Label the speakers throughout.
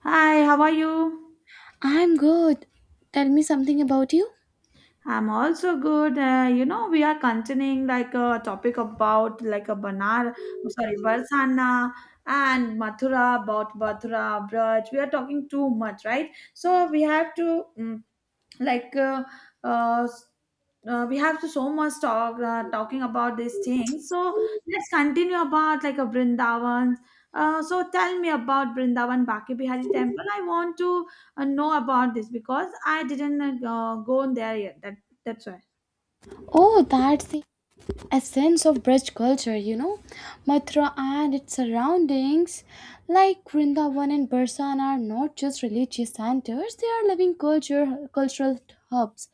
Speaker 1: Hi, how are you?
Speaker 2: I'm good. Tell me something about you.
Speaker 1: I'm also good. We are continuing like a topic about like a Banar, sorry, Barsana and Mathura, about Mathura, Braj. We are talking too much, right? So we have to like uh, uh, s- we have to so much talk talking about these things. So let's continue about like a Brindavan. So tell me about Brindavan Baki Bihari Temple. I want to know about this because I didn't go there yet. That's why.
Speaker 2: Oh, that's the essence of Braj culture. Mathura and its surroundings, like Vrindavan and Barsan, are not just religious centers, they are living culture, cultural hubs.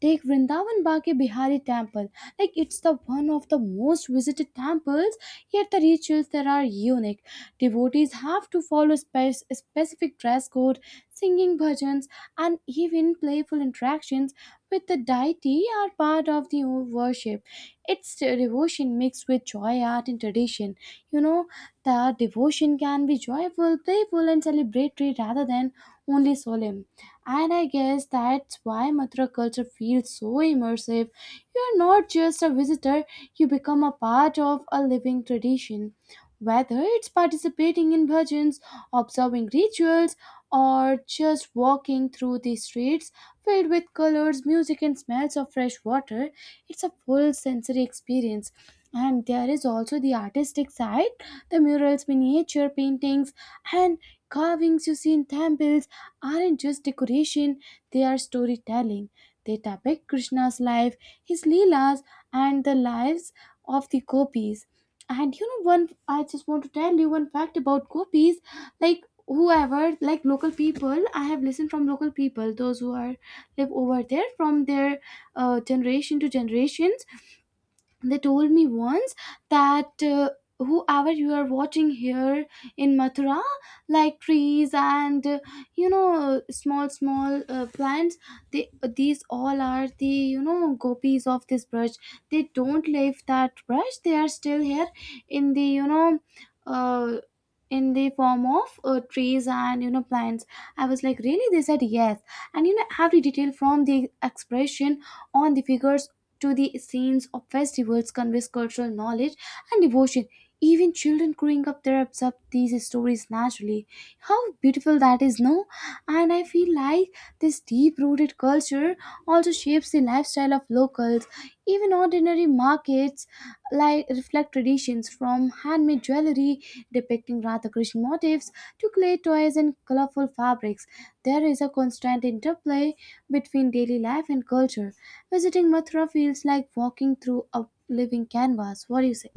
Speaker 2: Take Vrindavan Baki Bihari temple. Like, it's the one of the most visited temples, yet the rituals there are unique. Devotees have to follow specific dress code, singing bhajans, and even playful interactions with the deity are part of the worship. It's the devotion mixed with joy, art, and tradition. You know, the devotion can be joyful, playful, and celebratory rather than only solemn. And I guess that's why Mathura culture feels so immersive. You're not just a visitor, you become a part of a living tradition. Whether it's participating in bhajans, observing rituals, or just walking through the streets filled with colors, music, and smells of fresh water. It's a full sensory experience. And there is also the artistic side, the murals, miniature paintings, and carvings you see in temples aren't just decoration, they are storytelling. They depict Krishna's life, his Leelas, and the lives of the gopis. And you know, one I just want to tell you one fact about gopis. Like, whoever, like local people, I have listened from local people those who are live over there from their generation to generations. They told me once that whoever you are watching here in Mathura, like trees and small small plants, they, these all are the gopis of this brush. They don't leave that brush, they are still here in the you know uh, in the form of trees and plants. I was like, really? They said yes. And every detail from the expression on the figures to the scenes of festivals conveys cultural knowledge and devotion. Even children growing up there absorb these stories naturally. How beautiful that is, no? And I feel like this deep rooted culture also shapes the lifestyle of locals. Even ordinary markets like reflect traditions, from handmade jewelry depicting Radha Krishna motifs to clay toys and colorful fabrics. There is a constant interplay between daily life and culture. Visiting Mathura feels like walking through a living canvas. What do you say?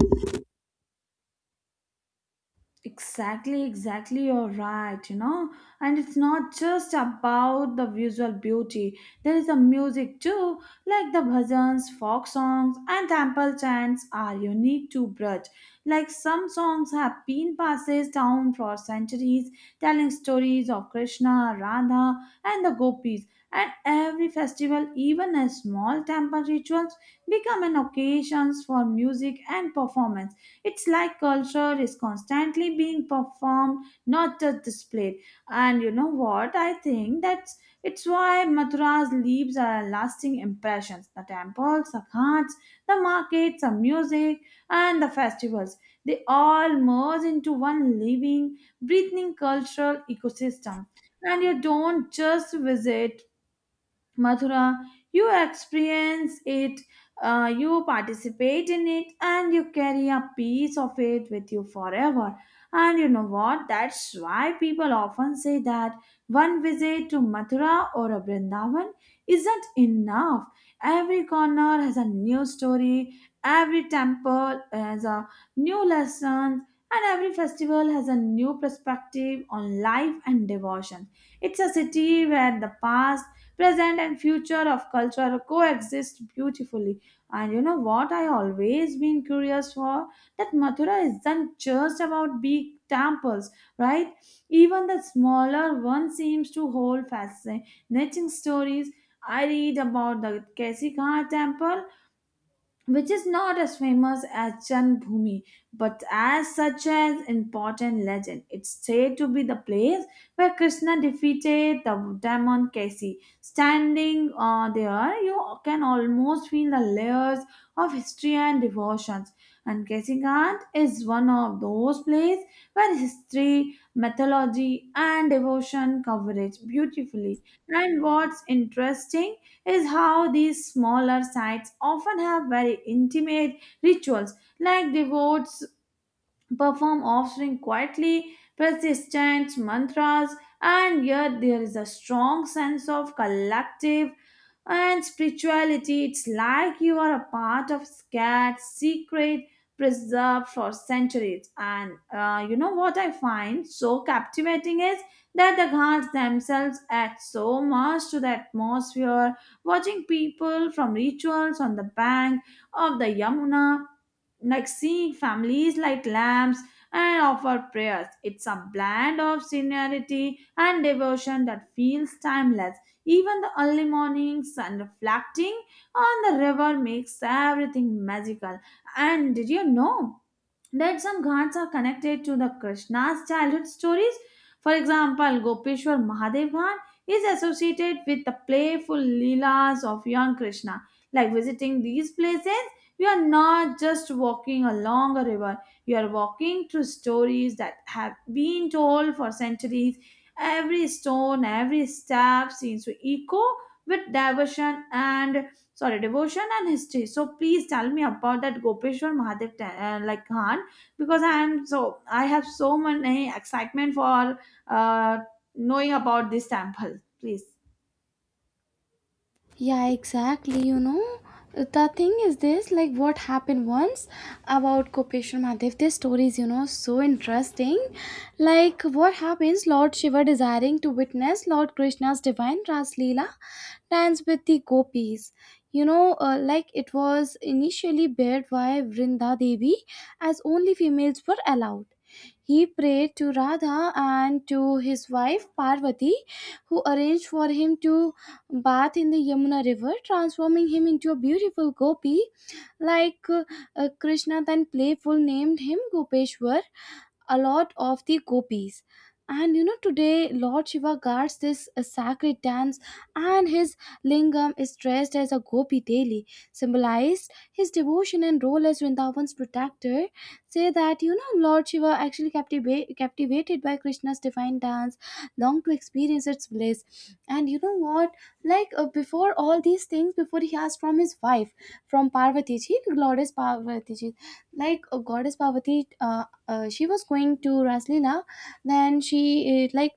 Speaker 1: Exactly, exactly, you're right, you know. And it's not just about the visual beauty, there is a music too, like the bhajans, folk songs, and temple chants are unique to Braj. Like some songs have been passed down for centuries, telling stories of Krishna, Radha, and the gopis. And every festival, even a small temple rituals, become an occasions for music and performance. It's like culture is constantly being performed, not just displayed. And you know what? I think that's it's why Mathura's leaves are lasting impressions. The temples, the ghats, the markets, the music, and the festivals. They all merge into one living, breathing cultural ecosystem. And you don't just visit Mathura, you experience it, you participate in it, and you carry a piece of it with you forever. And you know what? That's why people often say that one visit to Mathura or a Vrindavan isn't enough. Every corner has a new story, every temple has a new lesson, and every festival has a new perspective on life and devotion. It's a city where the past present and future of culture coexist beautifully. And you know what, I always been curious for that Mathura isn't just about big temples, right? Even the smaller one seems to hold fascinating stories. I read about the Kesikha temple which is not as famous as Janbhumi, but as such an important legend. It's said to be the place where Krishna defeated the demon Kasi. Standing there, you can almost feel the layers of history and devotions. And Kasi Ghat is one of those places where history, mythology, and devotion coverage beautifully. And what's interesting is how these smaller sites often have very intimate rituals like devotes perform offering quietly persistent mantras, and yet there is a strong sense of collective and spirituality. It's like you are a part of scared secret preserved for centuries. And you know what I find so captivating is that the ghats themselves add so much to the atmosphere, watching people from rituals on the bank of the Yamuna, like seeing families like lambs and offer prayers. It's a blend of seniority and devotion that feels timeless. Even the early mornings and reflecting on the river makes everything magical. And did you know that some ghats are connected to the Krishna's childhood stories? For example, Gopeshwar Mahadev Ghat is associated with the playful leelas of young Krishna. Like visiting these places, you are not just walking along a river, you are walking through stories that have been told for centuries. Every stone, every step seems to echo with devotion and sorry devotion and history. So please tell me about that Gopeshwar Mahadev, like Ghat, because I am so, I have so many excitement for uh, knowing about this temple, please.
Speaker 2: Yeah, exactly. The thing is this, like what happened once about Kopeshwar Mahadev. This story is so interesting. Like, what happens? Lord Shiva, desiring to witness Lord Krishna's divine Raslila, dance with the gopis. Like, it was initially barred by Vrinda Devi as only females were allowed. He prayed to Radha and to his wife Parvati, who arranged for him to bath in the Yamuna river, transforming him into a beautiful gopi. Like, Krishna, then playful, named him Gopeshwar, a lot of the gopis. And today Lord Shiva guards this sacred dance, and his lingam is dressed as a gopi daily, symbolized his devotion and role as Vrindavan's protector. Say that Lord Shiva actually captivated by Krishna's divine dance, longed to experience its bliss. And you know what? Like, before all these things, before he asked from his wife, from Parvati ji, Goddess Parvati ji, like, Goddess Parvati. She was going to Raslila. Then she like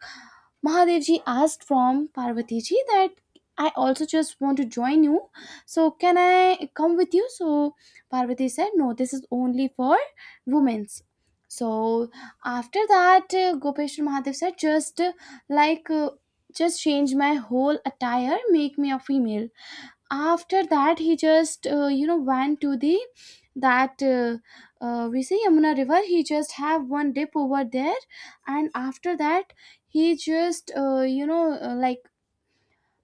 Speaker 2: Mahadevji asked from Parvatiji that I also just want to join you. So can I come with you? So Parvati said no. This is only for women's. So after that, Gopeshwar Mahadev said, just like. Uh, just change my whole attire, make me a female. After that, he just went to the, that we say, Yamuna river. He just have one dip over there, and after that he just you know like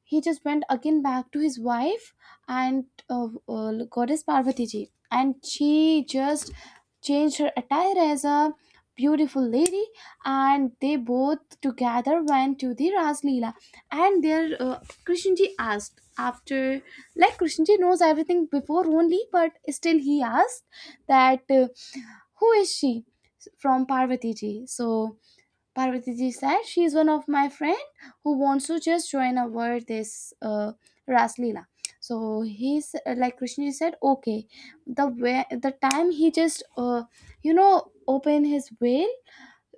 Speaker 2: he just went again back to his wife and Goddess Parvati ji, and she just changed her attire as a beautiful lady, and they both together went to the Ras Leela. And there, Krishnji asked, after, like, Krishnji knows everything before only, but still he asked that, who is she, from Parvati ji. So Parvatiji said, she is one of my friend who wants to just join our this Ras Leela. So he's like Krishna said, okay. The way, the time he just open his veil,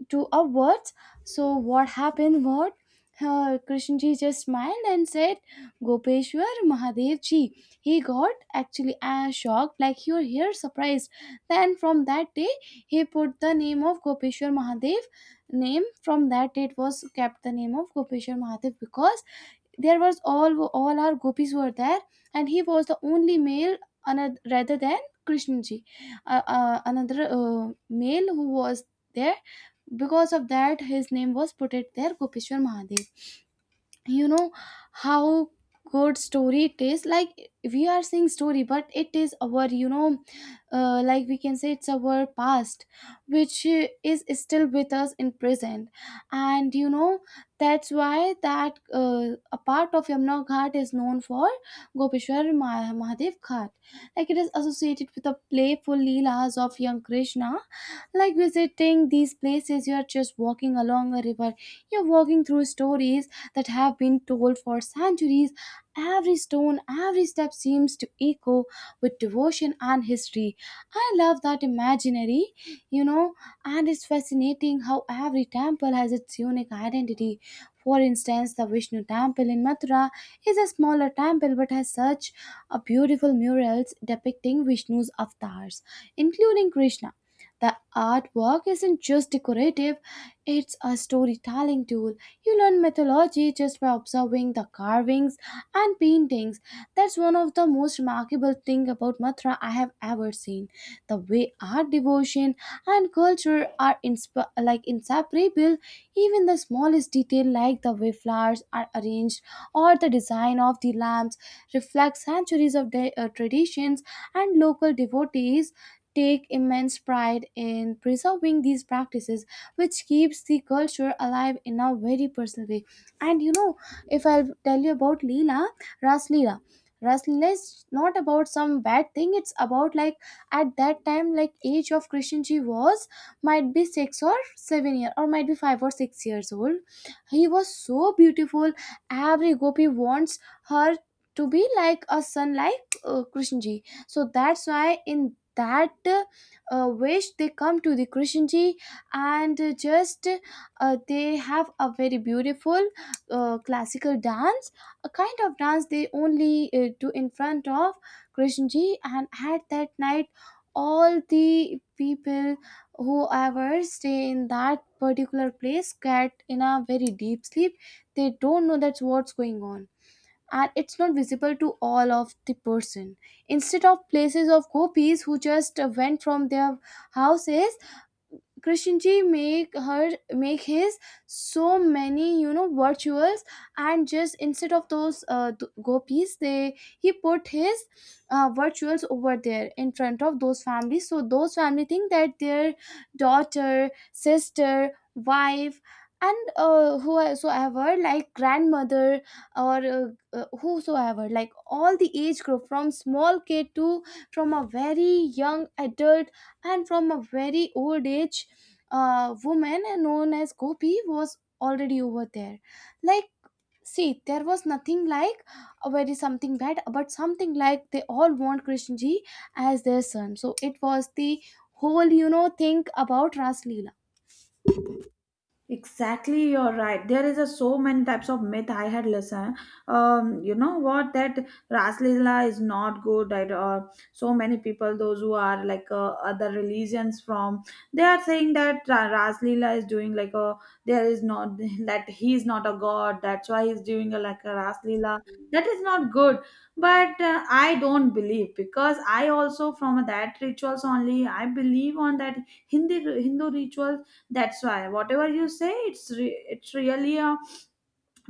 Speaker 2: to upwards. So what happened was, Krishnaji just smiled and said, Gopeshwar Mahadev ji. He got actually shocked, like he was here surprised. Then from that day, he put the name of Gopeshwar Mahadev. Name from that day it was kept the name of Gopeshwar Mahadev, because there was all our gopis were there and he was the only male, another, rather than Krishnaji, another male who was there. Because of that, his name was put it there, Gopeshwar Mahadev. You know how good story it is. Like, we are seeing story, but it is our, we can say, it's our past which is still with us in present. And that's why that, a part of Yamuna ghat is known for Gopeshwar Mahadev Ghat. Like, it is associated with the playful leelas of young Krishna. Like, visiting these places, you're just walking along a river, you're walking through stories that have been told for centuries. Every stone, every step seems to echo with devotion and history. I love that imaginary you know and it's fascinating how every temple has its unique identity. For instance, the Vishnu temple in Mathura is a smaller temple, but has such a beautiful murals depicting Vishnu's avatars, including Krishna. The artwork isn't just decorative, it's a storytelling tool. You learn mythology just by observing the carvings and paintings. That's one of the most remarkable things about Mathura I have ever seen. The way art, devotion, and culture are inseparable. Even the smallest detail, like the way flowers are arranged or the design of the lamps, reflects centuries of traditions, and local devotees take immense pride in preserving these practices, which keeps the culture alive in a very personal way. And if I'll tell you about leela ras leela Ras Leela is not about some bad thing. It's about, like, at that time, like, age of Krishna Ji was might be 6 or 7 years, or might be 5 or 6 years old. He was so beautiful. Every gopi wants her to be like a son like, Krishna ji. So that's why in that wish they come to the Krishnji, and just they have a very beautiful classical dance, a kind of dance they only do in front of Krishnji. And at that night, all the people whoever stay in that particular place get in a very deep sleep, they don't know that's what's going on, and it's not visible to all of the person. Instead of places of copies who just went from their houses, Krishnji make his so many virtuals, and just instead of those gopis, they he put his virtuals over there in front of those families, so those family think that their daughter, sister, wife and whosoever, like grandmother or, whosoever, like all the age group, from small kid to, from a very young adult, and from a very old age, a woman known as gopi was already over there. Like, see, there was nothing like a very something bad, but something like they all want Krishnaji as their son. So it was the whole thing about Ras Leela.
Speaker 1: Exactly, you're right. There is a so many types of myth I had listened. You know what, that Raslila is not good. Right? Or so many people, those who are like other religions from, they are saying that Raslila is doing like a there is not that he is not a god. That's why he's doing a, like a Raslila. That is not good. But I don't believe because I also from that rituals only I believe on that Hindi Hindu rituals. That's why whatever you say, it's it's really a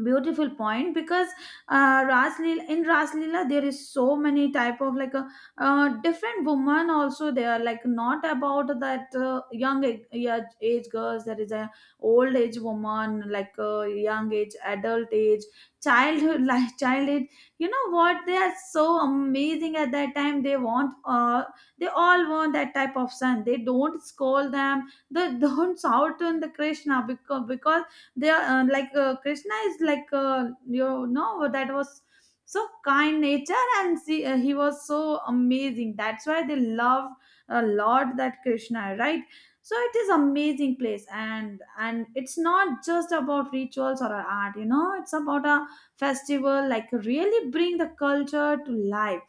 Speaker 1: beautiful point. Because raslila, in raslila, there is so many type of like a different woman also. They are like not about that young age, yeah, age girls. There is a old age woman, like young age, adult age, childhood, like child age. You know what, they are so amazing at that time. They want they all want that type of son. They don't scold them, they don't shout on the Krishna, because they are Krishna is like you know, that was so kind nature. And see, he was so amazing, that's why they love a lot that Krishna, right? So it is amazing place. And it's not just about rituals or art, you know, it's about a festival like really bring the culture to life.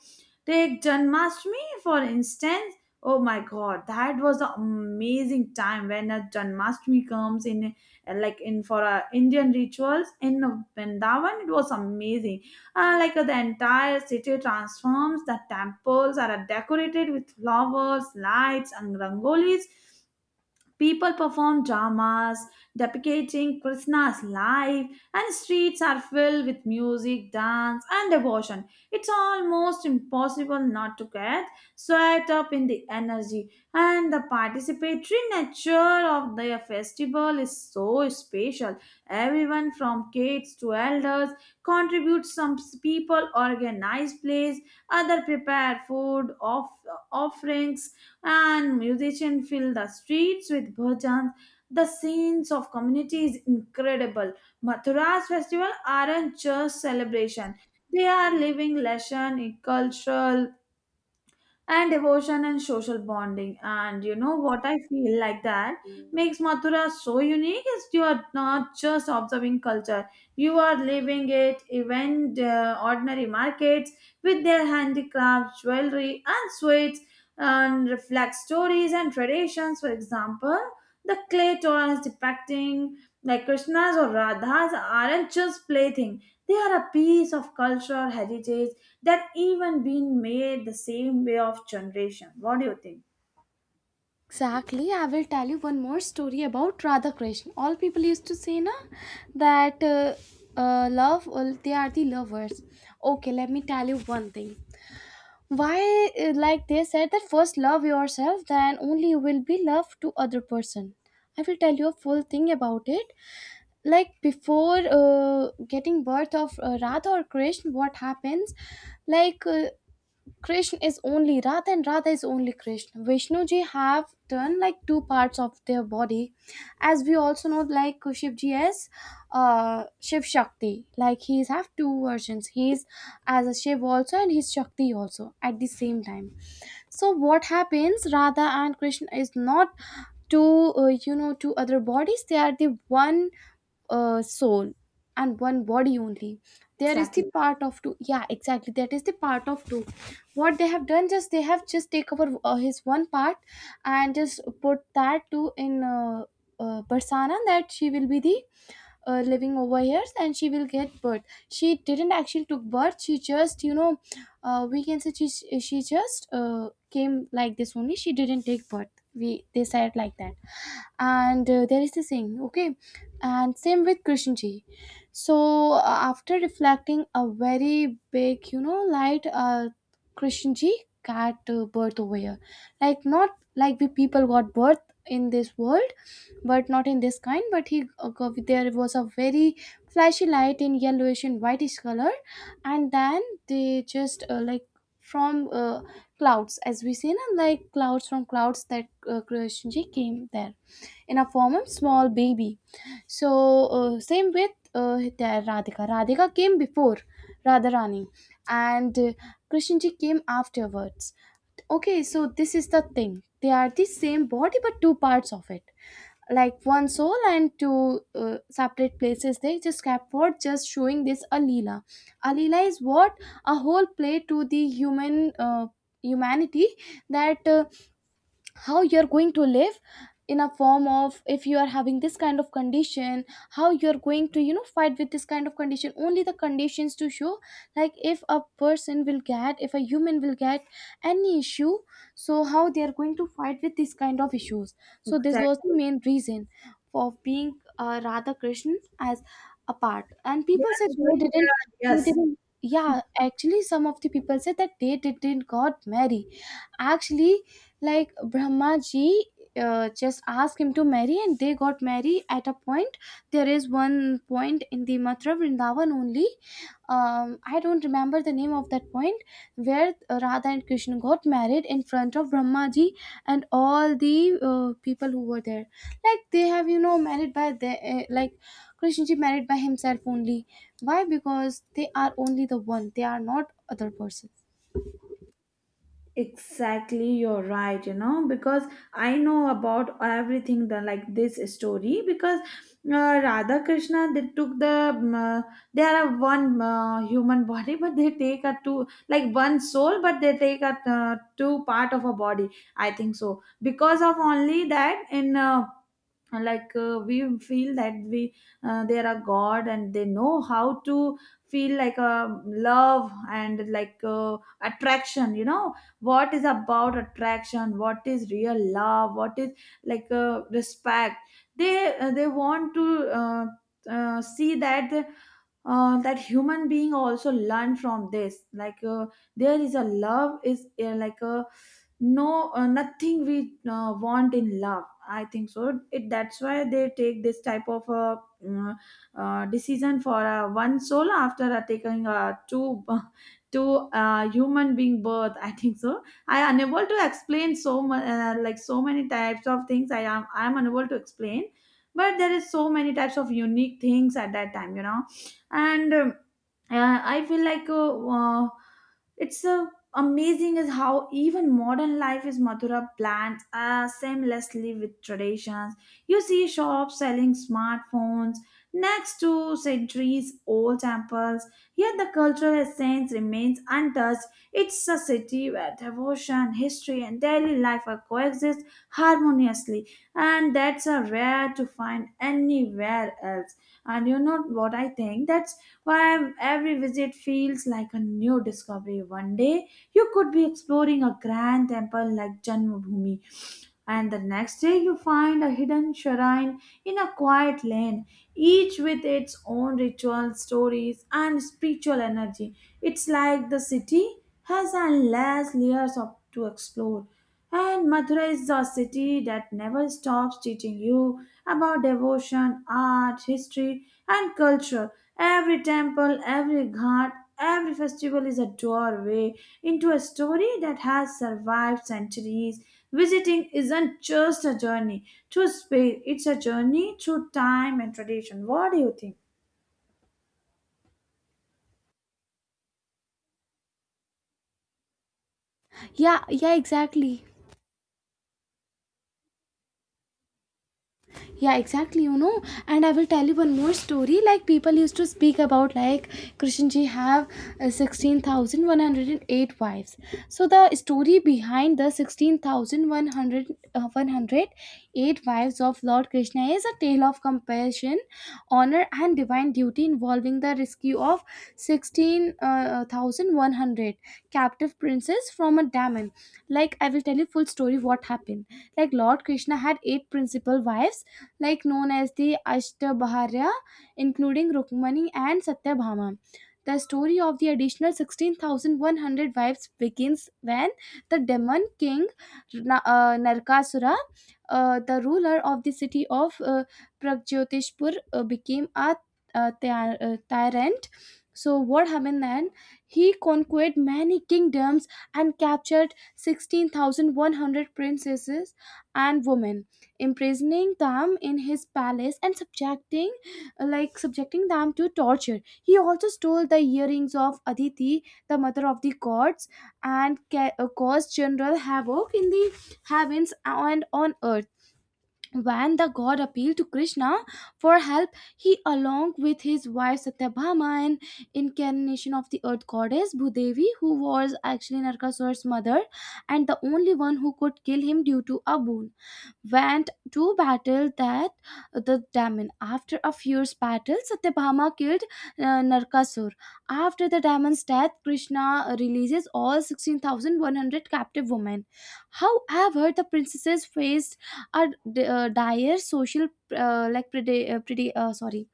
Speaker 1: Take Janmashtami for instance. Oh my god, that was an amazing time when a Janmashtami comes in, like in for Indian rituals in Vrindavan. It was amazing. The entire city transforms. The temples are decorated with flowers, lights, and rangolis. People perform dramas depicting Krishna's life, and streets are filled with music, dance, and devotion. It's almost impossible not to get swept up in the energy, and the participatory nature of the festival is so special. Everyone from kids to elders contributes. Some people organize plays, other prepare food, offerings, and musicians fill the streets with bhajans. The scenes of community is incredible. Mathura's festival aren't just celebration; they are living lesson in cultural and devotion and social bonding. And you know what, I feel like that makes Mathura so unique is you are not just observing culture, you are living it. Even the ordinary markets with their handicrafts, jewelry, and sweets, and reflect stories and traditions. For example, the clay torans depicting like Krishna's or Radha's aren't just plaything. They are a piece of cultural heritage that even been made the same way of generation. What do you think?
Speaker 2: Exactly. I will tell you one more story about Radha Krishna. All people used to say na that, love, well, they are the lovers. Okay, let me tell you one thing. Why, they said, that first love yourself, then only you will be love to other person. I will tell you a full thing about it. Like, before getting birth of Radha or Krishna, what happens? Like, Krishna is only Radha and Radha is only Krishna. Vishnuji have done like two parts of their body, as we also know, like Shivji as Shiv Shakti. Like, he have two versions. He is as a Shiv also, and he's Shakti also at the same time. So what happens? Radha and Krishna is not two, two other bodies. They are the one soul and one body only. There is the
Speaker 1: Exactly.
Speaker 2: part of two. Yeah, exactly, that is the part of two. What they have done, just they have just take over his one part and just put that two in persona, that she will be the living over here and she will get birth. She didn't actually took birth, she just we can say she just came like this only, she didn't take birth. We They said like that. And there is this thing, okay. And same with Krishan ji. So after reflecting a very big you know light, Krishan ji got birth over here, like not like we people got birth in this world, but not in this kind. But he, there was a very flashy light in yellowish and whitish color, and then they just like from clouds, as we seen, and like clouds, from clouds that Krishnaji came there in a form of small baby. So same with there Radhika came before Radharani, and Krishnaji came afterwards. Okay, so this is the thing, they are the same body but two parts of it. Like one soul and two separate places they just kept for just showing this alila. Alila is what? A whole play to the human humanity. That how you're going to live, in a form of if you are having this kind of condition, how you're going to you know fight with this kind of condition, only the conditions to show. Like if a person will get, if a human will get any issue, so how they are going to fight with this kind of issues. So this was the
Speaker 1: Exactly.
Speaker 2: main reason for being radha krishna as a part. And
Speaker 1: They
Speaker 2: people
Speaker 1: are
Speaker 2: said they
Speaker 1: showing
Speaker 2: didn't,
Speaker 1: their,
Speaker 2: they
Speaker 1: yes.
Speaker 2: didn't, yeah, actually some of the people said that they didn't got married. Actually, like Brahma ji just asked him to marry, and they got married at a point. There is one point in the Mathura Vrindavan only. I don't remember the name of that point where Radha and Krishna got married in front of Brahma ji and all the people who were there. Like they have, you know, married by the like Krishna ji married by himself only. Why? Because they are only the one. They are not other person.
Speaker 1: Exactly, you're right, you know, because I know about everything the like this story. Because Radha Krishna they took the they are a one human body, but they take a two, like one soul, but they take a two part of a body. I think so because of only that in and like we feel that we they are a god, and they know how to feel like a love and like attraction. You know what is about attraction, what is real love, what is like respect. They they want to uh, see that that human being also learn from this, like there is a love is like a no nothing we want in love, I think so. It that's why they take this type of mm, decision for one soul after taking two two human being birth, I think so. I unable to explain so much like so many types of things, I am unable to explain. But there is so many types of unique things at that time, you know. And I feel like it's amazing is how even modern life is Mathura blends seamlessly with traditions. You see shops selling smartphones next to centuries old temples, yet the cultural essence remains untouched. It's a city where devotion history and daily life are coexist harmoniously, and that's a rare to find anywhere else. And you know what I think, that's why every visit feels like a new discovery. One day you could be exploring a grand temple like Janmabhoomi, and the next day, you find a hidden shrine in a quiet lane, each with its own ritual, stories, and spiritual energy. It's like the city has endless layers of, to explore. And Mathura is a city that never stops teaching you about devotion, art, history, and culture. Every temple, every ghat, every festival is a doorway into a story that has survived centuries. Visiting isn't just a journey through space, it's a journey through time and tradition. What do you think?
Speaker 2: Yeah, yeah, exactly. Yeah, exactly, you know. And I will tell you one more story, like people used to speak about like krishna ji have 16,108 wives. So the story behind the 16,100 uh, 108 wives of lord krishna is a tale of compassion, honor and divine duty involving the rescue of 16,100 captive princes from a daemon. Like I will tell you full story what happened. Like lord krishna had 8 principal wives, like known as the Ashtabharya, including Rukmani and Satyabhama. The story of the additional 16,100 wives begins when the demon king Narkasura, the ruler of the city of Pragjotishpur, became a tyrant. So, what happened then? He conquered many kingdoms and captured 16,100 princesses and women, imprisoning them in his palace and subjecting, like subjecting them to torture. He also stole the earrings of aditi, the mother of the gods, and caused general havoc in the heavens and on earth. When the god appealed to krishna for help, he along with his wife satyabhama, an incarnation of the earth goddess bhudevi, who was actually narkasur's mother and the only one who could kill him due to a boon, went to battle that the demon. After a fierce battle, Satyabhama killed Narkasur. After the demon's death, Krishna releases all 16,100 captive women. However, the princesses faced a dire social like predi- predi- sorry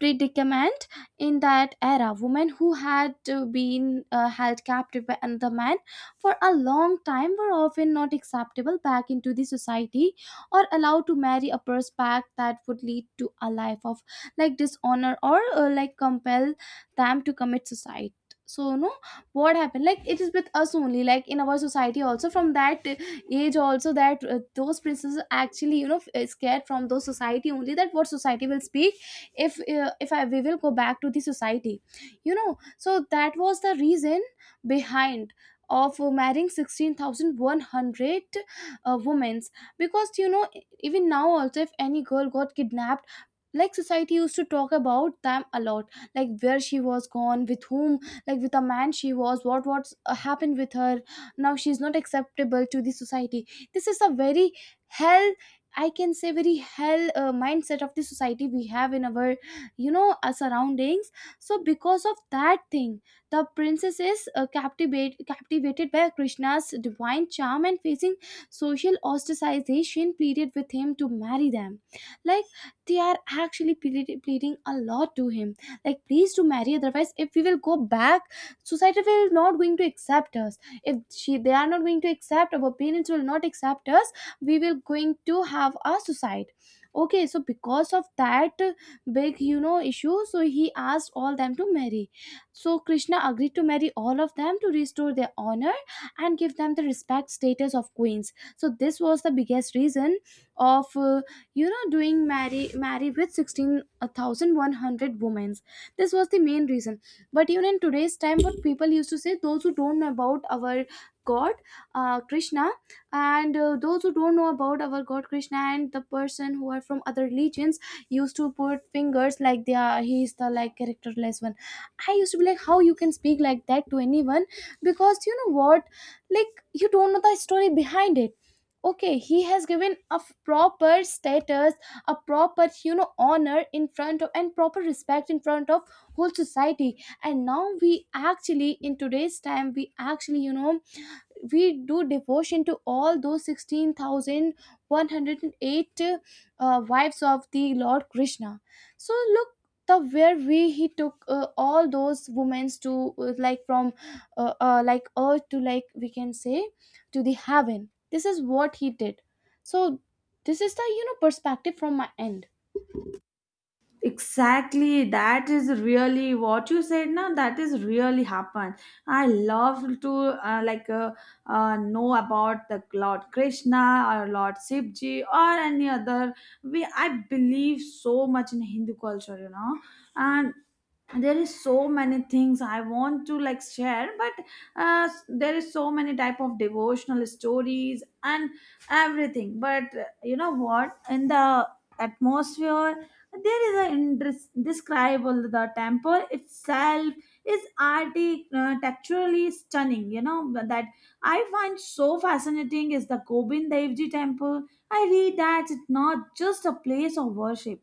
Speaker 2: predicament. In that era, women who had been held captive by another man for a long time were often not acceptable back into the society, or allowed to marry, a prospect that would lead to a life of like dishonor, or like compel them to commit suicide. So no, what happened, like it is with us only, like in our society also, from that age also, that those princesses actually you know scared from those society only, that what society will speak if we will go back to the society, you know. So that was the reason behind of marrying 16,100 women. Because you know, even now also, if any girl got kidnapped, like society used to talk about them a lot, like where she was gone, with whom, like with a man she was, what's happened with her, now she's not acceptable to the society. This is a very hell, I can say very hell mindset of the society we have in our you know surroundings. So because of that thing, the princess is captivated by krishna's divine charm and facing social ostracization, pleaded with him to marry them. Like they are actually pleading a lot to him, like please to marry, otherwise if we will go back, society will not going to accept us, if she they are not going to accept, our parents will not accept us, we will going to have a suicide. Okay, so because of that big you know issue, so he asked all them to marry. So krishna agreed to marry all of them, to restore their honor and give them the respect status of queens. So this was the biggest reason of you know doing marry with 16,100 women. This was the main reason. But even in today's time, what people used to say, those who don't know about our god krishna, and those who don't know about our god krishna and the person who are from other religions, used to put fingers like they are, he is the like characterless one. I used to be like, how you can speak like that to anyone? Because you know what, like you don't know the story behind it. Okay, he has given a proper status, a proper you know honor in front of, and proper respect in front of whole society. And now we actually in today's time, we actually you know, we do devotion to all those 16,108 wives of the Lord Krishna. So look, the where we, he took all those women to like from like earth to, like we can say, to the heaven. This is what he did. So this is the you know perspective from my end.
Speaker 1: Exactly, that is really what you said. Now that is really happened. I love to know about the Lord Krishna or Lord Sivji or any other. We I believe so much in Hindu culture, you know, and there is so many things I want to like share. But there is so many type of devotional stories and everything. But you know what, in the atmosphere there is an indescribable. The temple itself is texturally stunning. You know that I find so fascinating is the Gobind Dev Ji temple. I read that it's not just a place of worship,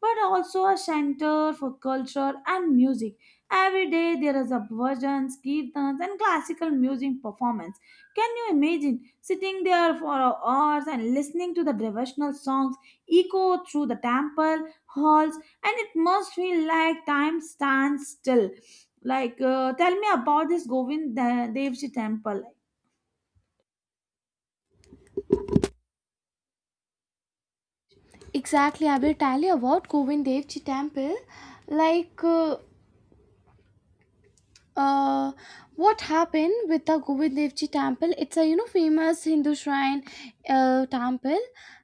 Speaker 1: but also a center for culture and music. Every day there is a bhajan, kirtans, and classical music performance. Can you imagine sitting there for hours and listening to the devotional songs echo through the temple halls, and it must feel like time stands still? Like, tell me about this Govind De- Dev Ji temple.
Speaker 2: Exactly, I will tell you about Govind Dev Ji temple. Like uh, what happened with the Govind Dev Ji temple? It's a you know famous Hindu shrine temple.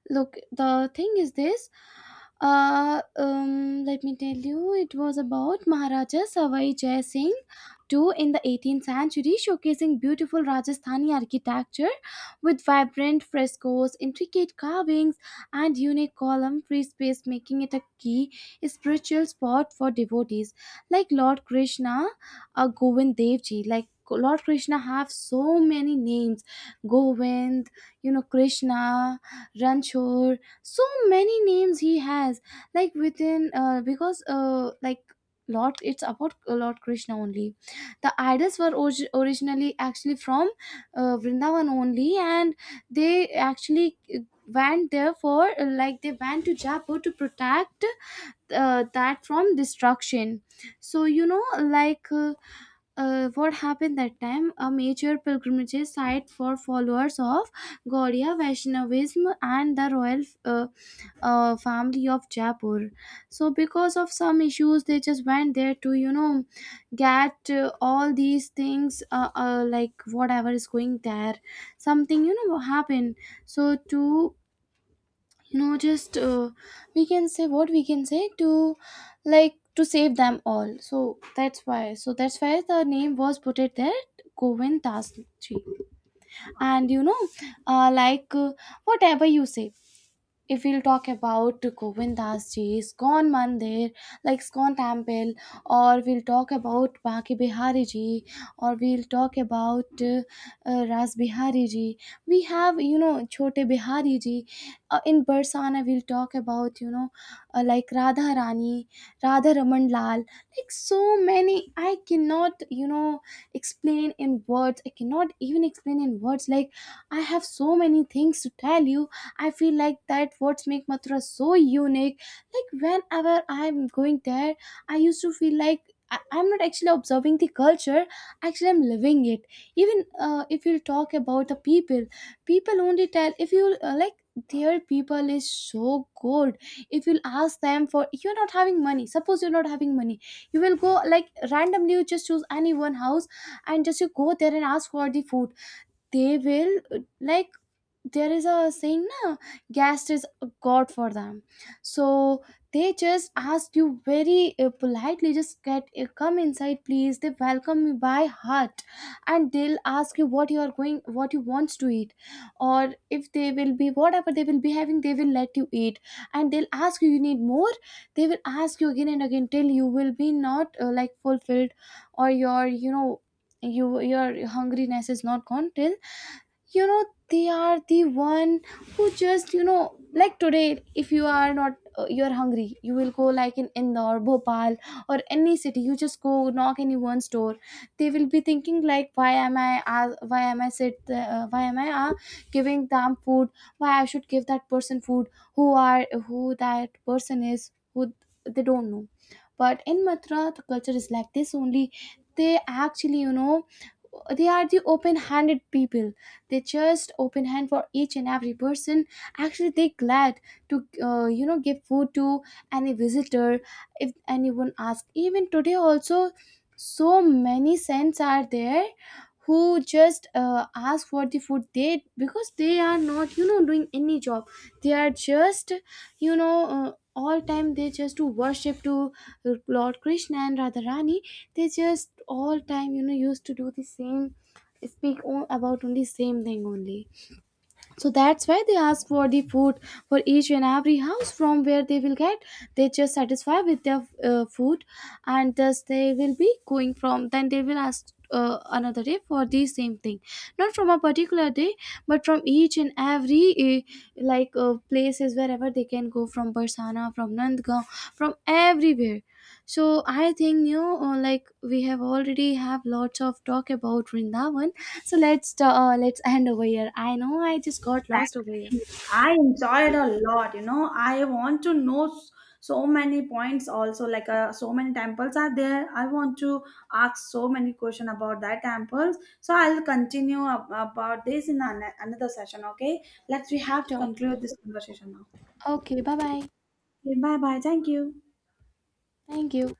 Speaker 2: Look, the thing is this. Let me tell you, it was about Maharaja Savai Jai Singh two in the 18th century, showcasing beautiful Rajasthani architecture with vibrant frescoes, intricate carvings, and unique column free space, making it a key spiritual spot for devotees like Lord Krishna, a Govind Devji. Like Lord Krishna have so many names: Govind, you know, Krishna, Ranchor, so many names he has. Like within, because like Lord, it's about Lord Krishna only. The idols were originally actually from Vrindavan only, and they actually went there for like, they went to Jaipur to protect that from destruction. So you know like what happened that time, a major pilgrimage site for followers of Gaudiya Vaishnavism and the royal family of Jaipur. So because of some issues, they just went there to you know get all these things, like whatever is going there, something you know happened. So to you know just we can say, what we can say, to like to save them all. So that's why, so that's why the name was put it there, govin das tree. And you know like whatever you say, if we'll talk about Govindas ji, Iskon Mandir, like Iskon Temple, or we'll talk about Baki Bihari ji, or we'll talk about Ras Bihari ji. We have, you know, Chote Bihari ji. In Barsana, we'll talk about, you know, like Radha Rani, Radha Raman Lal, like so many. I cannot, you know, explain in words. I cannot even explain in words. Like, I have so many things to tell you. I feel like that what's make Mathura so unique. Like whenever I'm going there, I used to feel like I'm not actually observing the culture. Actually, I'm living it. Even if you talk about the people, people only tell, if you like, their people is so good. If you'll ask them for, you're not having money, suppose you're not having money, you will go like randomly. You just choose any one house and just you go there and ask for the food. They will like, there is a saying na, guest is a god for them. So they just ask you very politely, just get come inside please, they welcome you by heart. And they'll ask you what you are going, what you want to eat. Or if they will be, whatever they will be having, they will let you eat. And they'll ask you, you need more? They will ask you again and again till you will be not like fulfilled, or your you know, you, your hungriness is not gone, till you know. They are the one who just you know, like today if you are not you're hungry, you will go like in indore bhopal or any city, you just go knock anyone's door, they will be thinking like, why am I why am I sit why am I giving them food, why I should give that person food, who are, who that person is, who, they don't know. But in mathura, the culture is like this only. They actually you know, they are the open handed people. They just open hand for each and every person. Actually they glad to you know give food to any visitor. If anyone asks, even today also, so many saints are there who just ask for the food, they, because they are not you know doing any job. They are just you know all time they just do worship to lord krishna and radharani. They just all time you know used to do the same, speak about only same thing only. So that's why they ask for the food, for each and every house from where they will get. They just satisfy with their food, and thus they will be going from, then they will ask another day for the same thing. Not from a particular day, but from each and every like places, wherever they can go, from barsana, from nandgaon, from everywhere. So I think you know, like we have already have lots of talk about Vrindavan. So let's end over here. I know I just got lost over here.
Speaker 1: Exactly. I enjoyed a lot, you know. I want to know so many points also, like so many temples are there. I want to ask so many questions about that temples. So I'll continue about this in another session, okay? Let's we have to
Speaker 2: Sure.
Speaker 1: conclude this conversation now.
Speaker 2: Okay, bye bye.
Speaker 1: Okay, bye bye. Thank you.
Speaker 2: Thank you.